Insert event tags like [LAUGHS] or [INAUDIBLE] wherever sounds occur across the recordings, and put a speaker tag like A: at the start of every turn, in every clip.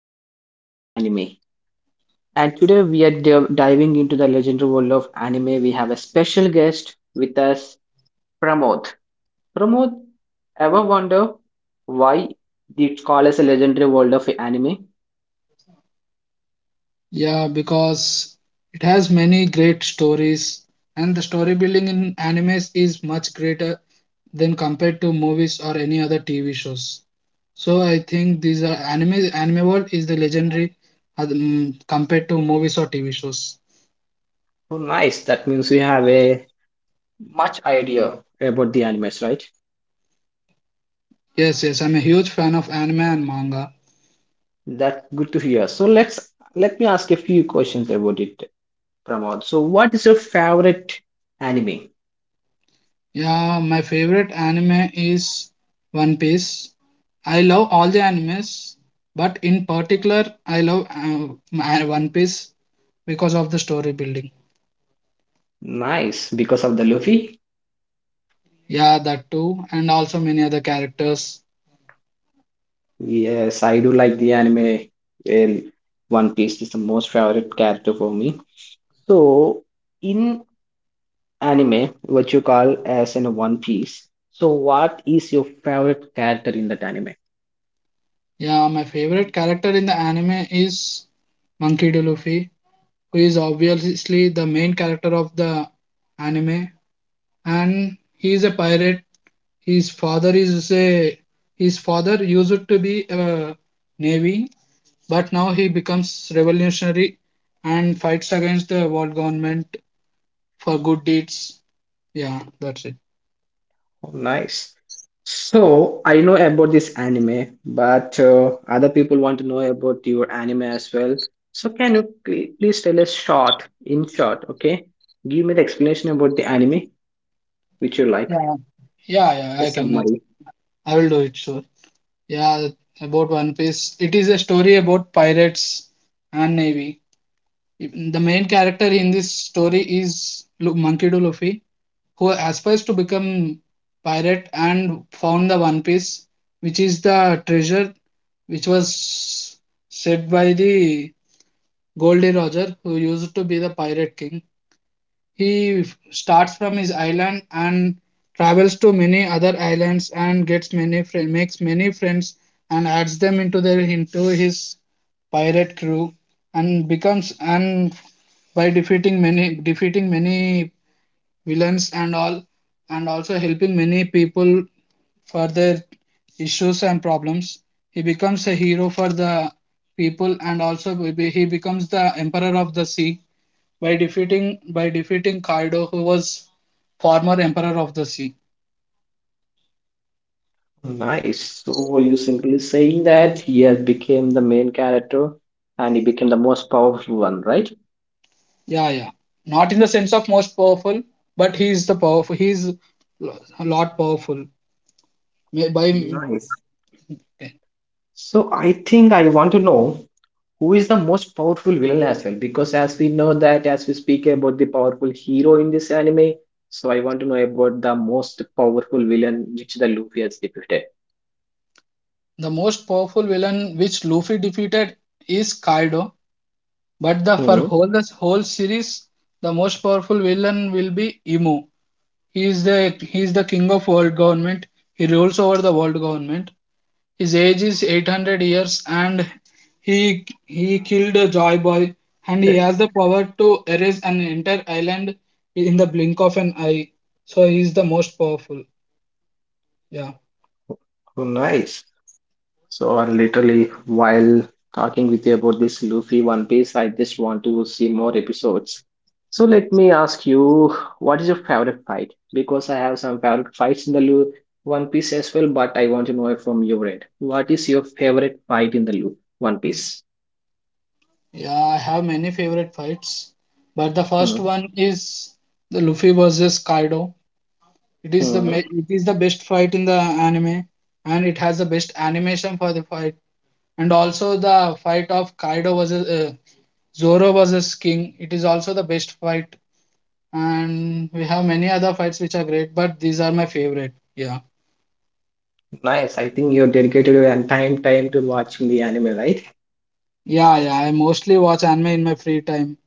A: legendary world of anime. And today we are diving into the legendary world of anime. We have a special guest with us, Pramod. Pramod, ever wonder why they call us a legendary world of anime?
B: Yeah, because it has many great stories, and the story building in animes is much greater than compared to movies or any other TV shows. So I think these are anime anime world is the legendary compared to movies or TV shows.
A: Oh, nice. That means we have a much idea about the animes, right?
B: Yes, yes, I'm a huge fan of anime and manga.
A: That's good to hear. So let me ask a few questions about it, Pramod. So, what is your favorite anime?
B: Yeah, my favorite anime is One Piece. I love all the animes, but in particular, I love One Piece because of the story building.
A: Nice, because of the Luffy.
B: Yeah, that too, and also many other characters.
A: Yes, I do like the anime where One Piece is the most favorite character for me. So, in anime, what you call as in One Piece, so what is your favorite character in that anime?
B: Yeah, my favorite character in the anime is Monkey D. Luffy, who is obviously the main character of the anime, and he is a pirate. His father is a his father used to be a navy, but now he becomes revolutionary and fights against the world government for good deeds. Yeah, that's it.
A: Oh, nice. So, I know about this anime, but other people want to know about your anime as well. So, can you please tell us short, in short, okay? Give me the explanation about the anime which you like,
B: Yeah, yeah, yeah.
A: a summary.
B: I will do it, sure. Yeah, about One Piece. It is a story about pirates and navy. The main character in this story is Monkey D. Luffy, who aspires to become pirate and found the One Piece, which is the treasure which was said by the Goldie Roger, who used to be the pirate king. He starts from his island and travels to many other islands and makes many friends and adds them into his pirate crew and becomes and by defeating many villains and all, and also helping many people for their issues and problems, he becomes a hero for the people, and also he becomes the emperor of the sea by defeating Kaido, who was former emperor of the sea.
A: Nice. So you simply saying that he has became the main character and he became the most powerful one, right?
B: Yeah, yeah. Not in the sense of most powerful, but he is the powerful. He is a lot powerful. May- By okay.
A: Nice. So I think I want to know who is the most powerful villain as well, because as we know that as we speak about the powerful hero in this anime, so I want to know about the most powerful villain which the Luffy has defeated.
B: The most powerful villain which Luffy defeated is Kaido, but the for
A: Hmm.
B: whole the whole series, the most powerful villain will be Emu. He is the king of world government. He rules over the world government. His age is 800 years and he killed a Joy Boy, and he
A: Okay.
B: has the power to erase an entire island in the blink of an eye. So he is the most powerful. Yeah.
A: Oh, nice. So, and literally, while talking with you about this Luffy One Piece, I just want to see more episodes. So, let me ask you, what is your favorite fight? Because I have some favorite fights in the Lu One Piece as well, but I want to know it from your end. What is your favorite fight in the Lu One Piece?
B: Yeah, I have many favorite fights, but the first one is the Luffy versus Kaido. It is the
A: Mm-hmm.
B: ma- it is the best fight in the anime, and it has the best animation for the fight, and also the fight of Kaido versus Zoro versus King. It is also the best fight, and we have many other fights which are great, but these are my favorite. Yeah,
A: Nice. I think you dedicated your time to watching the anime, right?
B: yeah, yeah. I mostly watch anime in my free time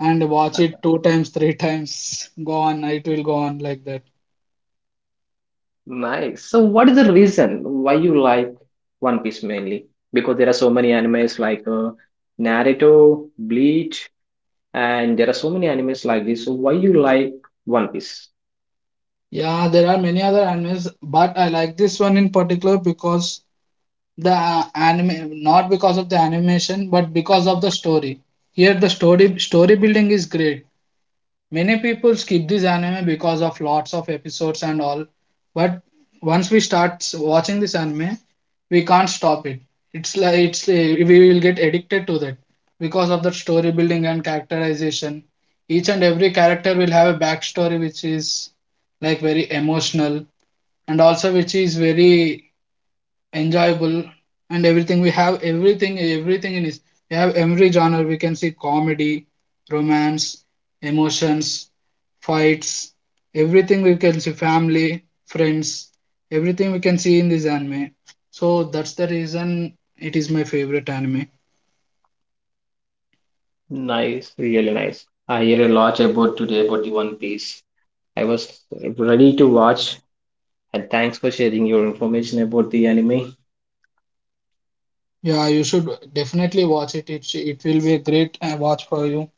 B: and watch it two times, [LAUGHS] three times. Go on, it will go on like that.
A: Nice. So, what is the reason why you like One Piece mainly? Because there are so many animes like Naruto, Bleach, and there are so many animes like this. So, why you like One Piece?
B: Yeah, there are many other animes, but I like this one in particular because the anime, not because of the animation, but because of the story. Here, the story building is great. Many people skip this anime because of lots of episodes and all, but once we start watching this anime, we can't stop it. It's like we will get addicted to that because of the story building and characterization. Each and every character will have a backstory which is like very emotional, and also which is very enjoyable. And everything, we have everything in it. We have every genre. We can see comedy, romance, emotions, fights, everything. We can see family, friends, everything we can see in this anime. So that's the reason it is my favorite anime.
A: Nice, really nice. I hear a lot about today about the One Piece. I was ready to watch, and thanks for sharing your information about the anime.
B: Yeah, you should definitely watch it. It will be a great watch for you,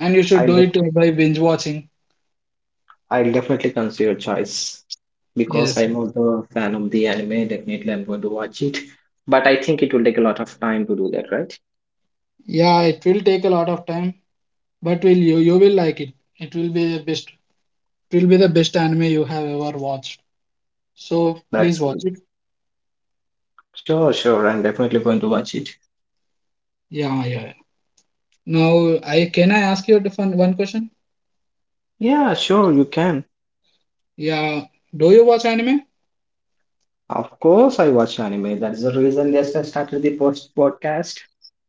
B: and you should
A: I
B: do it by binge watching.
A: I'll definitely consider your choice because
B: Yes.
A: I'm also a fan of the anime. Definitely, I'm going to watch it. But I think it will take a lot of time to do that, right?
B: Yeah, it will take a lot of time, but will you you will like it. It will be the best. It will be the best anime you have ever watched. So please
A: That's
B: watch
A: good.
B: it.
A: Sure, sure. I'm definitely going to watch it.
B: Yeah, yeah, yeah. Now I ask you one question?
A: Yeah, sure, you can.
B: Yeah. Do you watch anime?
A: Of course, I watch anime. That's the reason, yes, I started the post podcast,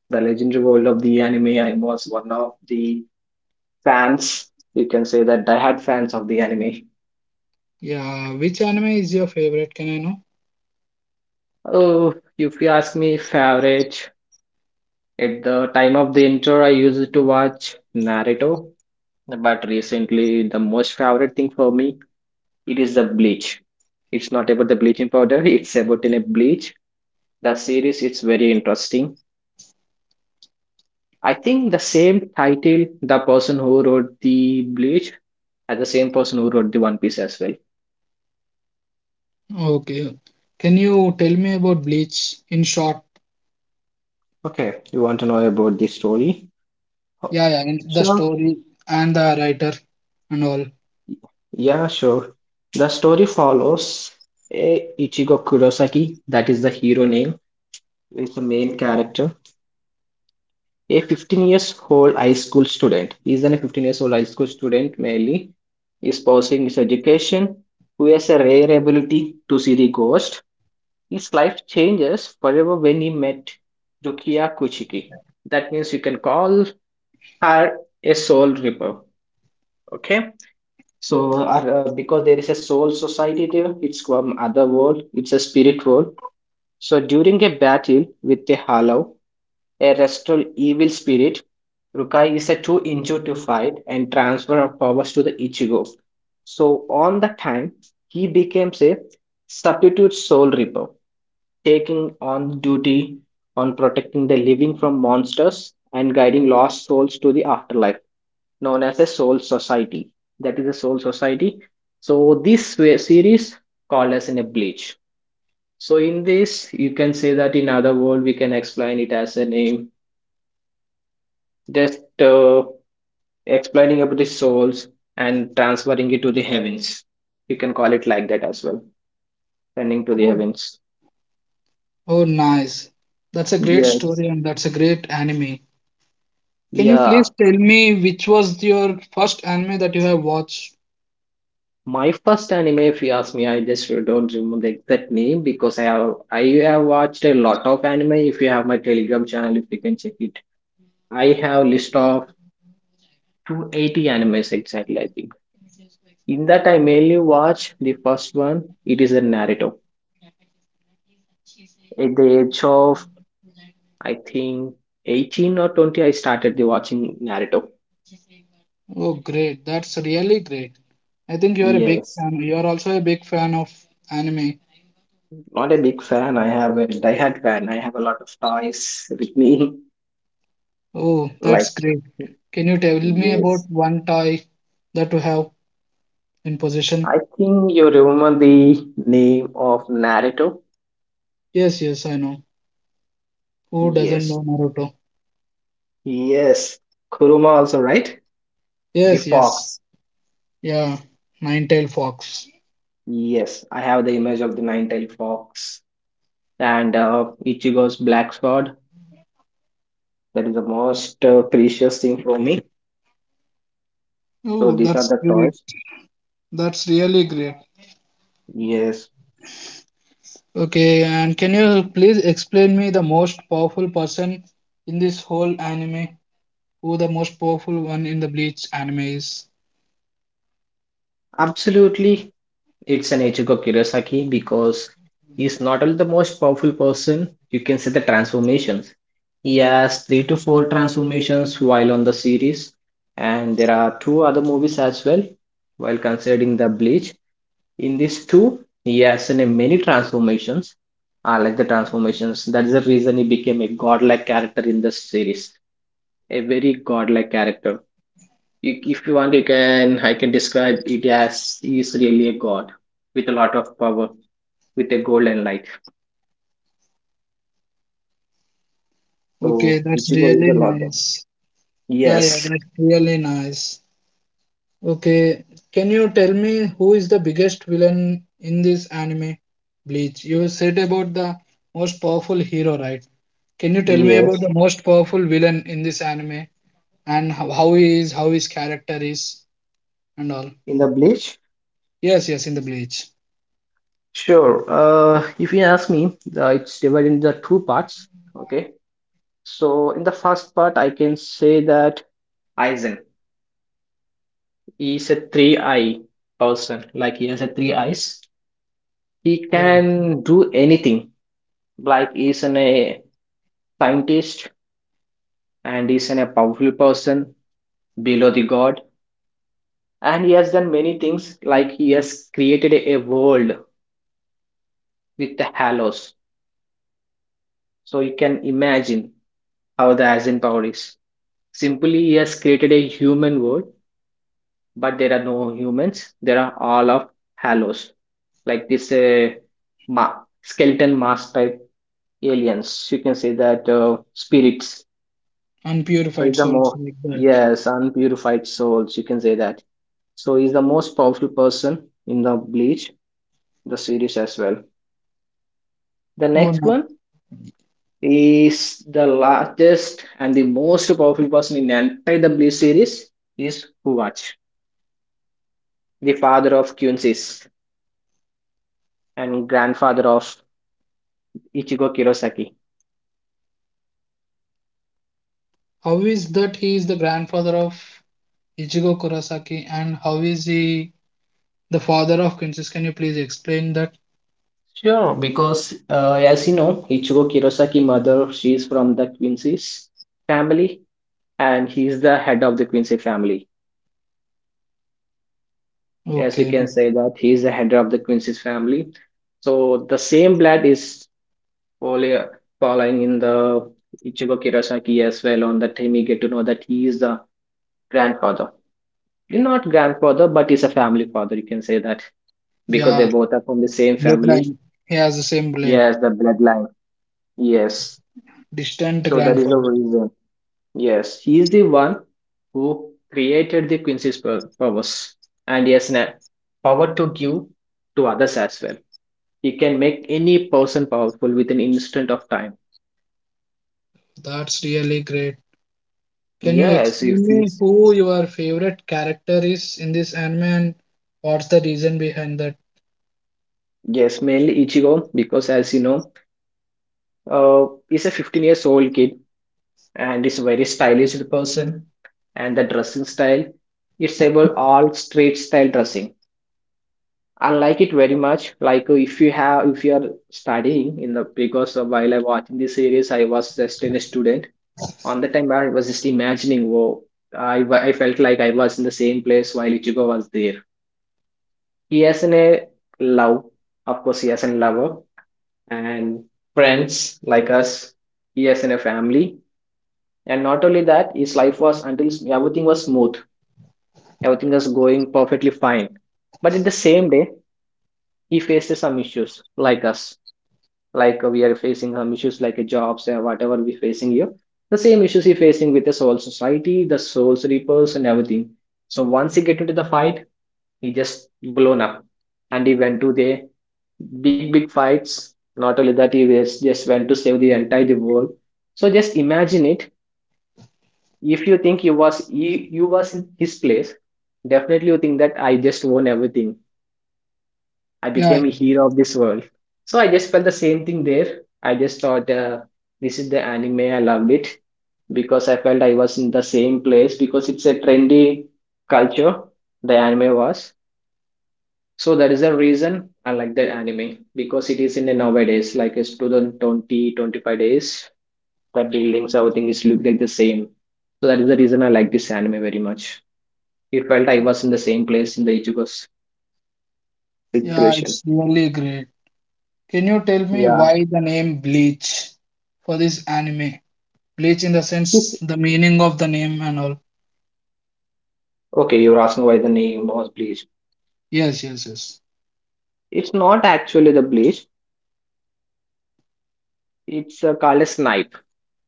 A: The Legendary World of the Anime. I was one of the fans. You can say that I had fans of the anime.
B: Yeah. Which anime is your favorite? Can I know?
A: Oh, if you ask me, favorite. At the time of the intro, I used to watch Naruto, but recently the most favorite thing for me, it is the bleach. It's not about the bleaching powder, [LAUGHS] it's about in a bleach. The series, it's very interesting. I think the same title, the person who wrote the bleach, as the same person who wrote the One Piece as well.
B: Okay. Can you tell me about Bleach in short?
A: Okay, you want to know about the story? Oh,
B: Yeah, yeah. In the
A: sure.
B: story and the writer and all.
A: Yeah, sure. The story follows a Ichigo Kurosaki, that is the hero name, is the main character. A 15-year-old years old high school student. Is a 15-year-old years old high school student, mainly is pursuing his education, who has a rare ability to see the ghost. His life changes forever when he met Rukia Kuchiki. That means you can call her a soul ripper. Okay. So because there is a soul society there, it's from other world, it's a spirit world. So during a battle with the Hollow, a restful evil spirit, Rukai is a too injured to fight and transfer of powers to the Ichigo. So on that time, he became a substitute soul reaper, taking on duty on protecting the living from monsters and guiding lost souls to the afterlife, known as a soul society. That is a soul society. So this series called as in a bleach. So in this, you can say that in other world we can explain it as a name just explaining about the souls and transferring it to the heavens. You can call it like that as well, sending to the
B: Oh,
A: heavens.
B: oh, nice. That's a great
A: Yes.
B: story and that's a great anime. Can you
A: Yeah.
B: please tell me which was your first anime that you have watched?
A: My first anime, if you ask me, I just don't remember the exact name because I have watched a lot of anime. If you have my Telegram channel, if you can check it, I have list of 280 animes exactly. I think in that I mainly watch the first one. It is a Naruto. At the age of, I think, 18 or 20, I started the watching Naruto.
B: Oh, great. That's really great. I think you are a big
A: Yes.
B: fan. You are also a big fan of anime.
A: Not a big fan. I have a diehard fan. I have a lot of toys with me. [LAUGHS]
B: Oh,
A: Like,
B: that's great. Can you tell me about
A: yes.
B: one toy that you have in possession?
A: I think you remember the name of Naruto.
B: Yes, yes, I know. Who doesn't
A: Yes.
B: know Naruto?
A: Yes. Kuruma also, right? The
B: Yes, yes.
A: fox.
B: Yeah, nine-tailed fox.
A: Yes. I have the image of the nine-tailed fox and Ichigo's black sword. That is the most precious thing for me. So
B: Oh,
A: these are
B: that's
A: the
B: great.
A: toys.
B: That's really great.
A: Yes.
B: Okay, and can you please explain me the most powerful person in this whole anime? Who the most powerful one in the Bleach anime is?
A: Absolutely, it's an Ichigo Kurosaki because he's not only the most powerful person, you can see the transformations. He has three to four transformations while on the series, and there are two other movies as well. While considering the Bleach, in these two, he has in a many transformations. I like the transformations. That's the reason he became a godlike character in this series, a very godlike character. If you want, you can, I can describe it as he is really a god with a lot of power with a golden light. So
B: Okay, that's
A: Ichigo is
B: really
A: a lot of,
B: nice. Yeah, yeah,
A: yes,
B: that's really nice. Okay, can you tell me who is the biggest villain in this anime, Bleach? You said about the most powerful hero, right? Can you tell me about
A: yes,
B: the most powerful villain in this anime and how he is, how his character is, and all?
A: in the bleach,
B: Yes, yes, in the Bleach.
A: sure. If you ask me, it's divided into two parts. Okay. So in the first part I can say that Aizen is a three eye person, like he has a three eyes. He
B: Yeah,
A: can do anything, like he's an a scientist, and he is a powerful person below the god, and he has done many things, like he has created a world with the halos. So you can imagine how the Asian power is. Simply he has created a human world, but there are no humans, there are all of halos, like this ma- skeleton mask type aliens, you can say that, spirits. So
B: unpurified
A: it's a
B: souls
A: more,
B: like that.
A: yes, unpurified souls you can say that. So he's the most powerful person in the Bleach, the series as well. The
B: Oh
A: next
B: no.
A: one is the largest and the most powerful person in the entire Bleach series is Huwach, the father of Kyunsis and grandfather of Ichigo Kurosaki.
B: How is that he is the grandfather of Ichigo Kurosaki, and how is he the father of Quintus? Can you please explain that?
A: Sure, because as you know, Ichigo Kurosaki' mother, she is from the Quincy's family, and he is the head of the Quincy family. As you
B: Okay.
A: can say that he is the head of the Quincy's family. So the same blood is follow- following in the Ichigo Kirasaki as well. On that time, we get to know that he is the grandfather. Well, not grandfather, but he's a family father. You can say that because they
B: Yeah,
A: both are from the same family.
B: bloodline. He has the same
A: Yes,
B: blood.
A: the bloodline. Yes. So
B: Distant
A: that is the
B: grandfather.
A: reason. Yes, he is the one who created the Quincy's powers, and he has a power to give to others as well. He can make any person powerful with an instant of time.
B: That's really great. Can you
A: Yes, if
B: explain me
A: he's,
B: who your favorite character is in this anime, and what's the reason behind that?
A: yes, mainly Ichigo because as you know, he's a 15-year-old years old kid and is a very stylish person. And the dressing style, it's about all street style dressing. I like it very much. Like, if you have, if you are studying in the, because while I watching this series, I was just in a student. On the time, I was just imagining, whoa, I felt like I was in the same place while Ichigo was there. He has in a love, of course, he has a lover and friends like us. He has in a family, and not only that, his life was, until everything was smooth, everything was going perfectly fine. But in the same day, he faces some issues like us, like, we are facing some issues like jobs or whatever we facing here. The same issues he facing with the soul society, the soul reapers, and everything. So once he get into the fight, he just blown up and he went to the big fights. Not only that, he was just went to save the entire world. So just imagine it. If you think you was in his place, definitely you think that I just won everything, I
B: Yeah,
A: became a
B: yeah,
A: hero of this world. So I just felt the same thing there. I just thought, this is the anime. I loved it because I felt I was in the same place, because it's a trendy culture. The anime was. So that is the reason I like that anime, because it is in the nowadays, like it's 2020, 25 days. The buildings, everything is look like the same. So that is the reason I like this anime very much. It felt I was in the same place in the Ichigo's
B: yeah,
A: situation.
B: it's really great. Can you tell me
A: Yeah.
B: why the name Bleach for this anime? Bleach in the
A: It's
B: sense the meaning of the name and all.
A: okay, you're asking why the name was Bleach.
B: Yes, yes, yes.
A: It's not actually the Bleach. It's called a Snipe.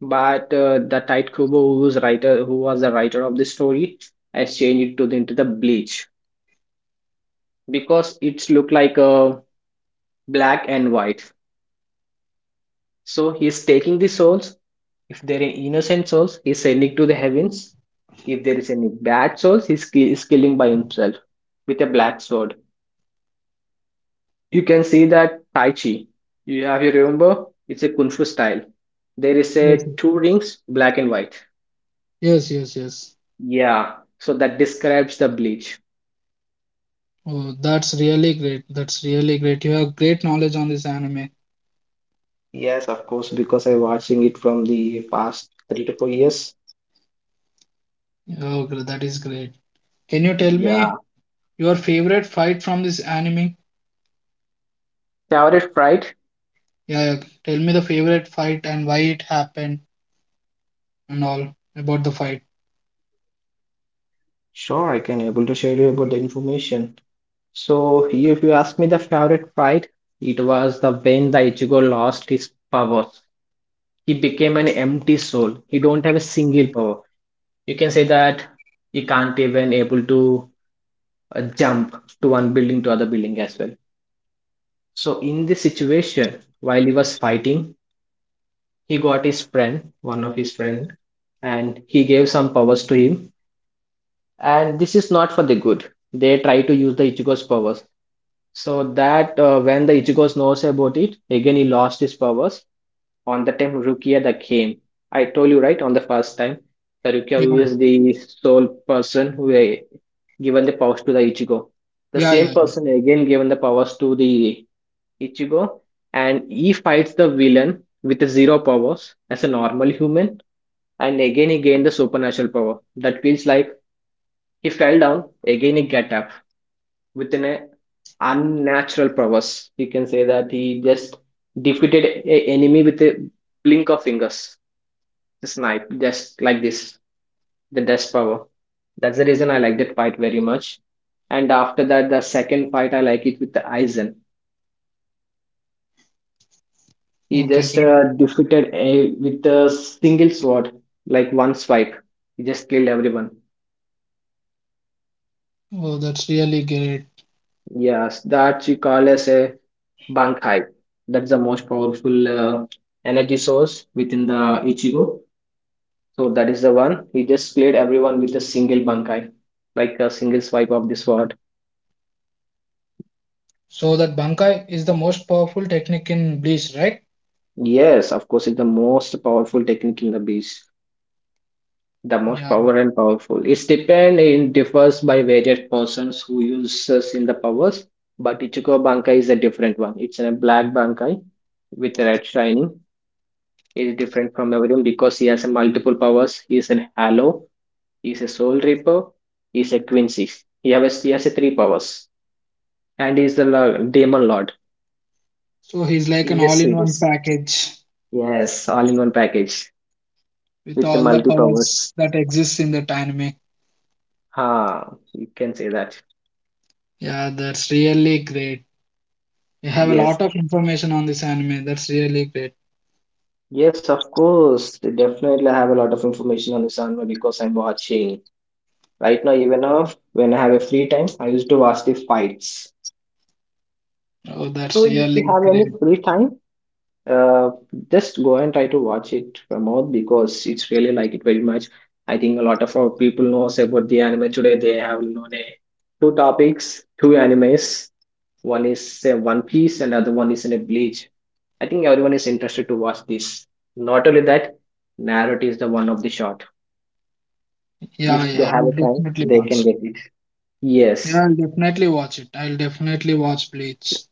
A: But the Tite Kubo, who was the writer of the story, has changed it to the, into the Bleach, because it's look like a black and white. So he is taking the souls. If there are innocent souls, he is sending to the heavens. If there is any bad souls, he is killing by himself with a black sword. You can see that Tai Chi. You remember? It's a Kung Fu style. There is
B: Yes,
A: a
B: sir.
A: two rings, black and white.
B: Yes, yes, yes.
A: Yeah. So that describes the bleach.
B: Oh, that's really great. That's really great. You have great knowledge on this anime.
A: Yes, of course, because I'm watching it from the past 3 to 4 years.
B: Oh, that is great. Can you tell
A: Yeah.
B: me your favorite fight from this anime?
A: Shower it right?
B: Yeah, yeah. Tell me the favorite fight and why it happened and all about the fight.
A: Sure, I can able to share you about the information. So if you ask me the favorite fight, it was the when the Ichigo lost his powers. He became an empty soul. He don't have a single power. You can say that he can't even able to jump to one building to other building as well. So in this situation, while he was fighting, he got his friend, one of his friend, and he gave some powers to him. And this is not for the good. They try to use the Ichigo's powers. So that when the Ichigo knows about it, again he lost his powers. On the time Rukia that came, I told you right on the first time, the Rukia
B: Yeah,
A: who is the sole person who given the powers to the Ichigo. The
B: yeah,
A: same
B: yeah,
A: person again given the powers to the Ichigo, and he fights the villain with the zero powers as a normal human, and again he gained the supernatural power. That feels like he fell down, again he get up within a unnatural powers. You can say that he just defeated a enemy with a blink of fingers. The snipe, just like this, the dash power. That's the reason I like that fight very much. And after that, the second fight I like it with the Aizen.
B: yeah.
A: He
B: Okay,
A: just
B: that,
A: defeated a, with a single sword, like one swipe. He just killed everyone.
B: oh, that's really great.
A: Yes, that you call as a Bankai. That's the most powerful energy source within the Ichigo. So that is the one. He just played everyone with a single bunkai, like a single swipe of this sword.
B: So that Bankai is the most powerful technique in Bleach, right?
A: Yes, of course, it's the most powerful technique in the beast. The most
B: Yeah.
A: power and powerful. It's depend it differs by various persons who uses in the powers. But Ichigo Bankai is a different one. It's a black Bankai with red shining. It's different from everyone because he has a multiple powers. He is a Halo. He is a Soul Reaper. He is a Quincy. He has a three powers and he is the demon lord
B: So he's like
A: in
B: an
A: this
B: all-in-one
A: series.
B: package
A: Yes, all in one package
B: with
A: with the
B: all the
A: multi powers.
B: powers that exists in that anime.
A: Ha, you can say that.
B: Yeah, that's really great. You have a
A: Yes,
B: lot of information on this anime. That's really great.
A: yes, of course. They definitely have a lot of information on this anime because I'm watching right now. Even now, when I have a free time, I used to watch the fights.
B: Oh,
A: So
B: that's
A: if you
B: really
A: have any
B: great.
A: free time, uh, just go and try to watch it from, because it's really like it very much. I think a lot of our people knows about the anime today. They have known a two topics, two animes. One is say One Piece and other one is in a Bleach. I think everyone is interested to watch this. Not only that, Naruto is the one of the short.
B: Yeah,
A: If they
B: yeah,
A: have
B: I'll
A: a time,
B: definitely
A: they can
B: watch it.
A: get it. Yes,
B: Yeah, I'll definitely watch it. I'll definitely watch Bleach.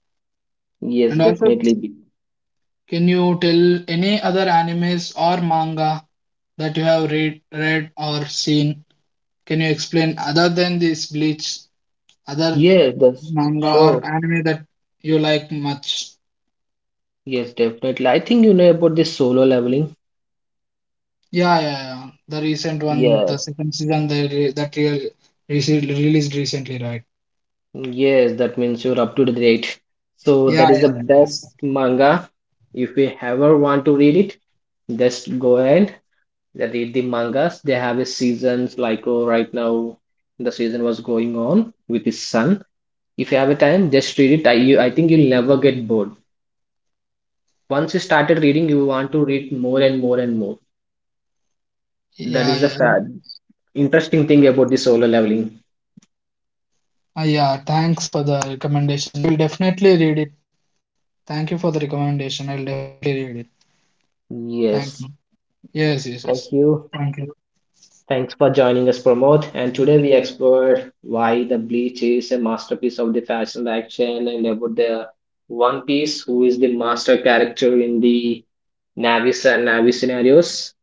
A: yes,
B: And also,
A: definitely. Be-
B: can you tell any other animes or manga that you have read or seen? Can you explain other than this Bleach, other
A: Yes, that's
B: manga
A: sure.
B: or anime that you like much?
A: Yes, definitely. I think you know about this solo leveling.
B: Yeah, yeah, yeah. The recent one, the
A: Yes,
B: second season, they re- that real, rece- released recently, right?
A: yes, that means you're up to the date. So that
B: Yeah,
A: is the
B: yeah,
A: best manga. If you ever want to read it, just go ahead. They read the mangas. They have a seasons like oh, right now the season was going on with his son. If you have a time, just read it. I think you'll never get bored. Once you started reading, you want to read more and more and more. That
B: yeah,
A: is the
B: yeah, yeah,
A: fa Interesting thing about the solo leveling.
B: yeah. Yeah, thanks for the recommendation. I'll definitely read it. Thank you for the recommendation. I'll definitely read it. Thank you.
A: Yes,
B: Yes, yes, yes.
A: thank you.
B: Thank you.
A: Thanks for joining us, Pramod. And today we explored why the Bleach is a masterpiece of the fashion action, and about the One Piece, who is the master character in the Navis and Navi scenarios.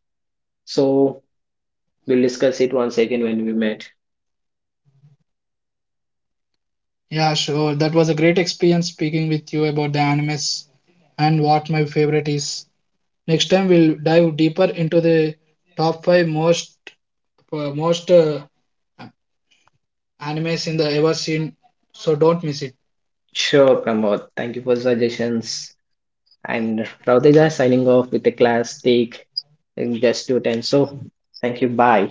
A: So we'll discuss it once again when we meet.
B: Yeah, sure. That was a great experience speaking with you about the animes and what my favorite is. Next time we'll dive deeper into the top five most animes in the ever seen. So don't miss it.
A: Sure, Pramod. Thank you for suggestions. And Rauteja signing off with the class take in just 2:10. So thank you. Bye.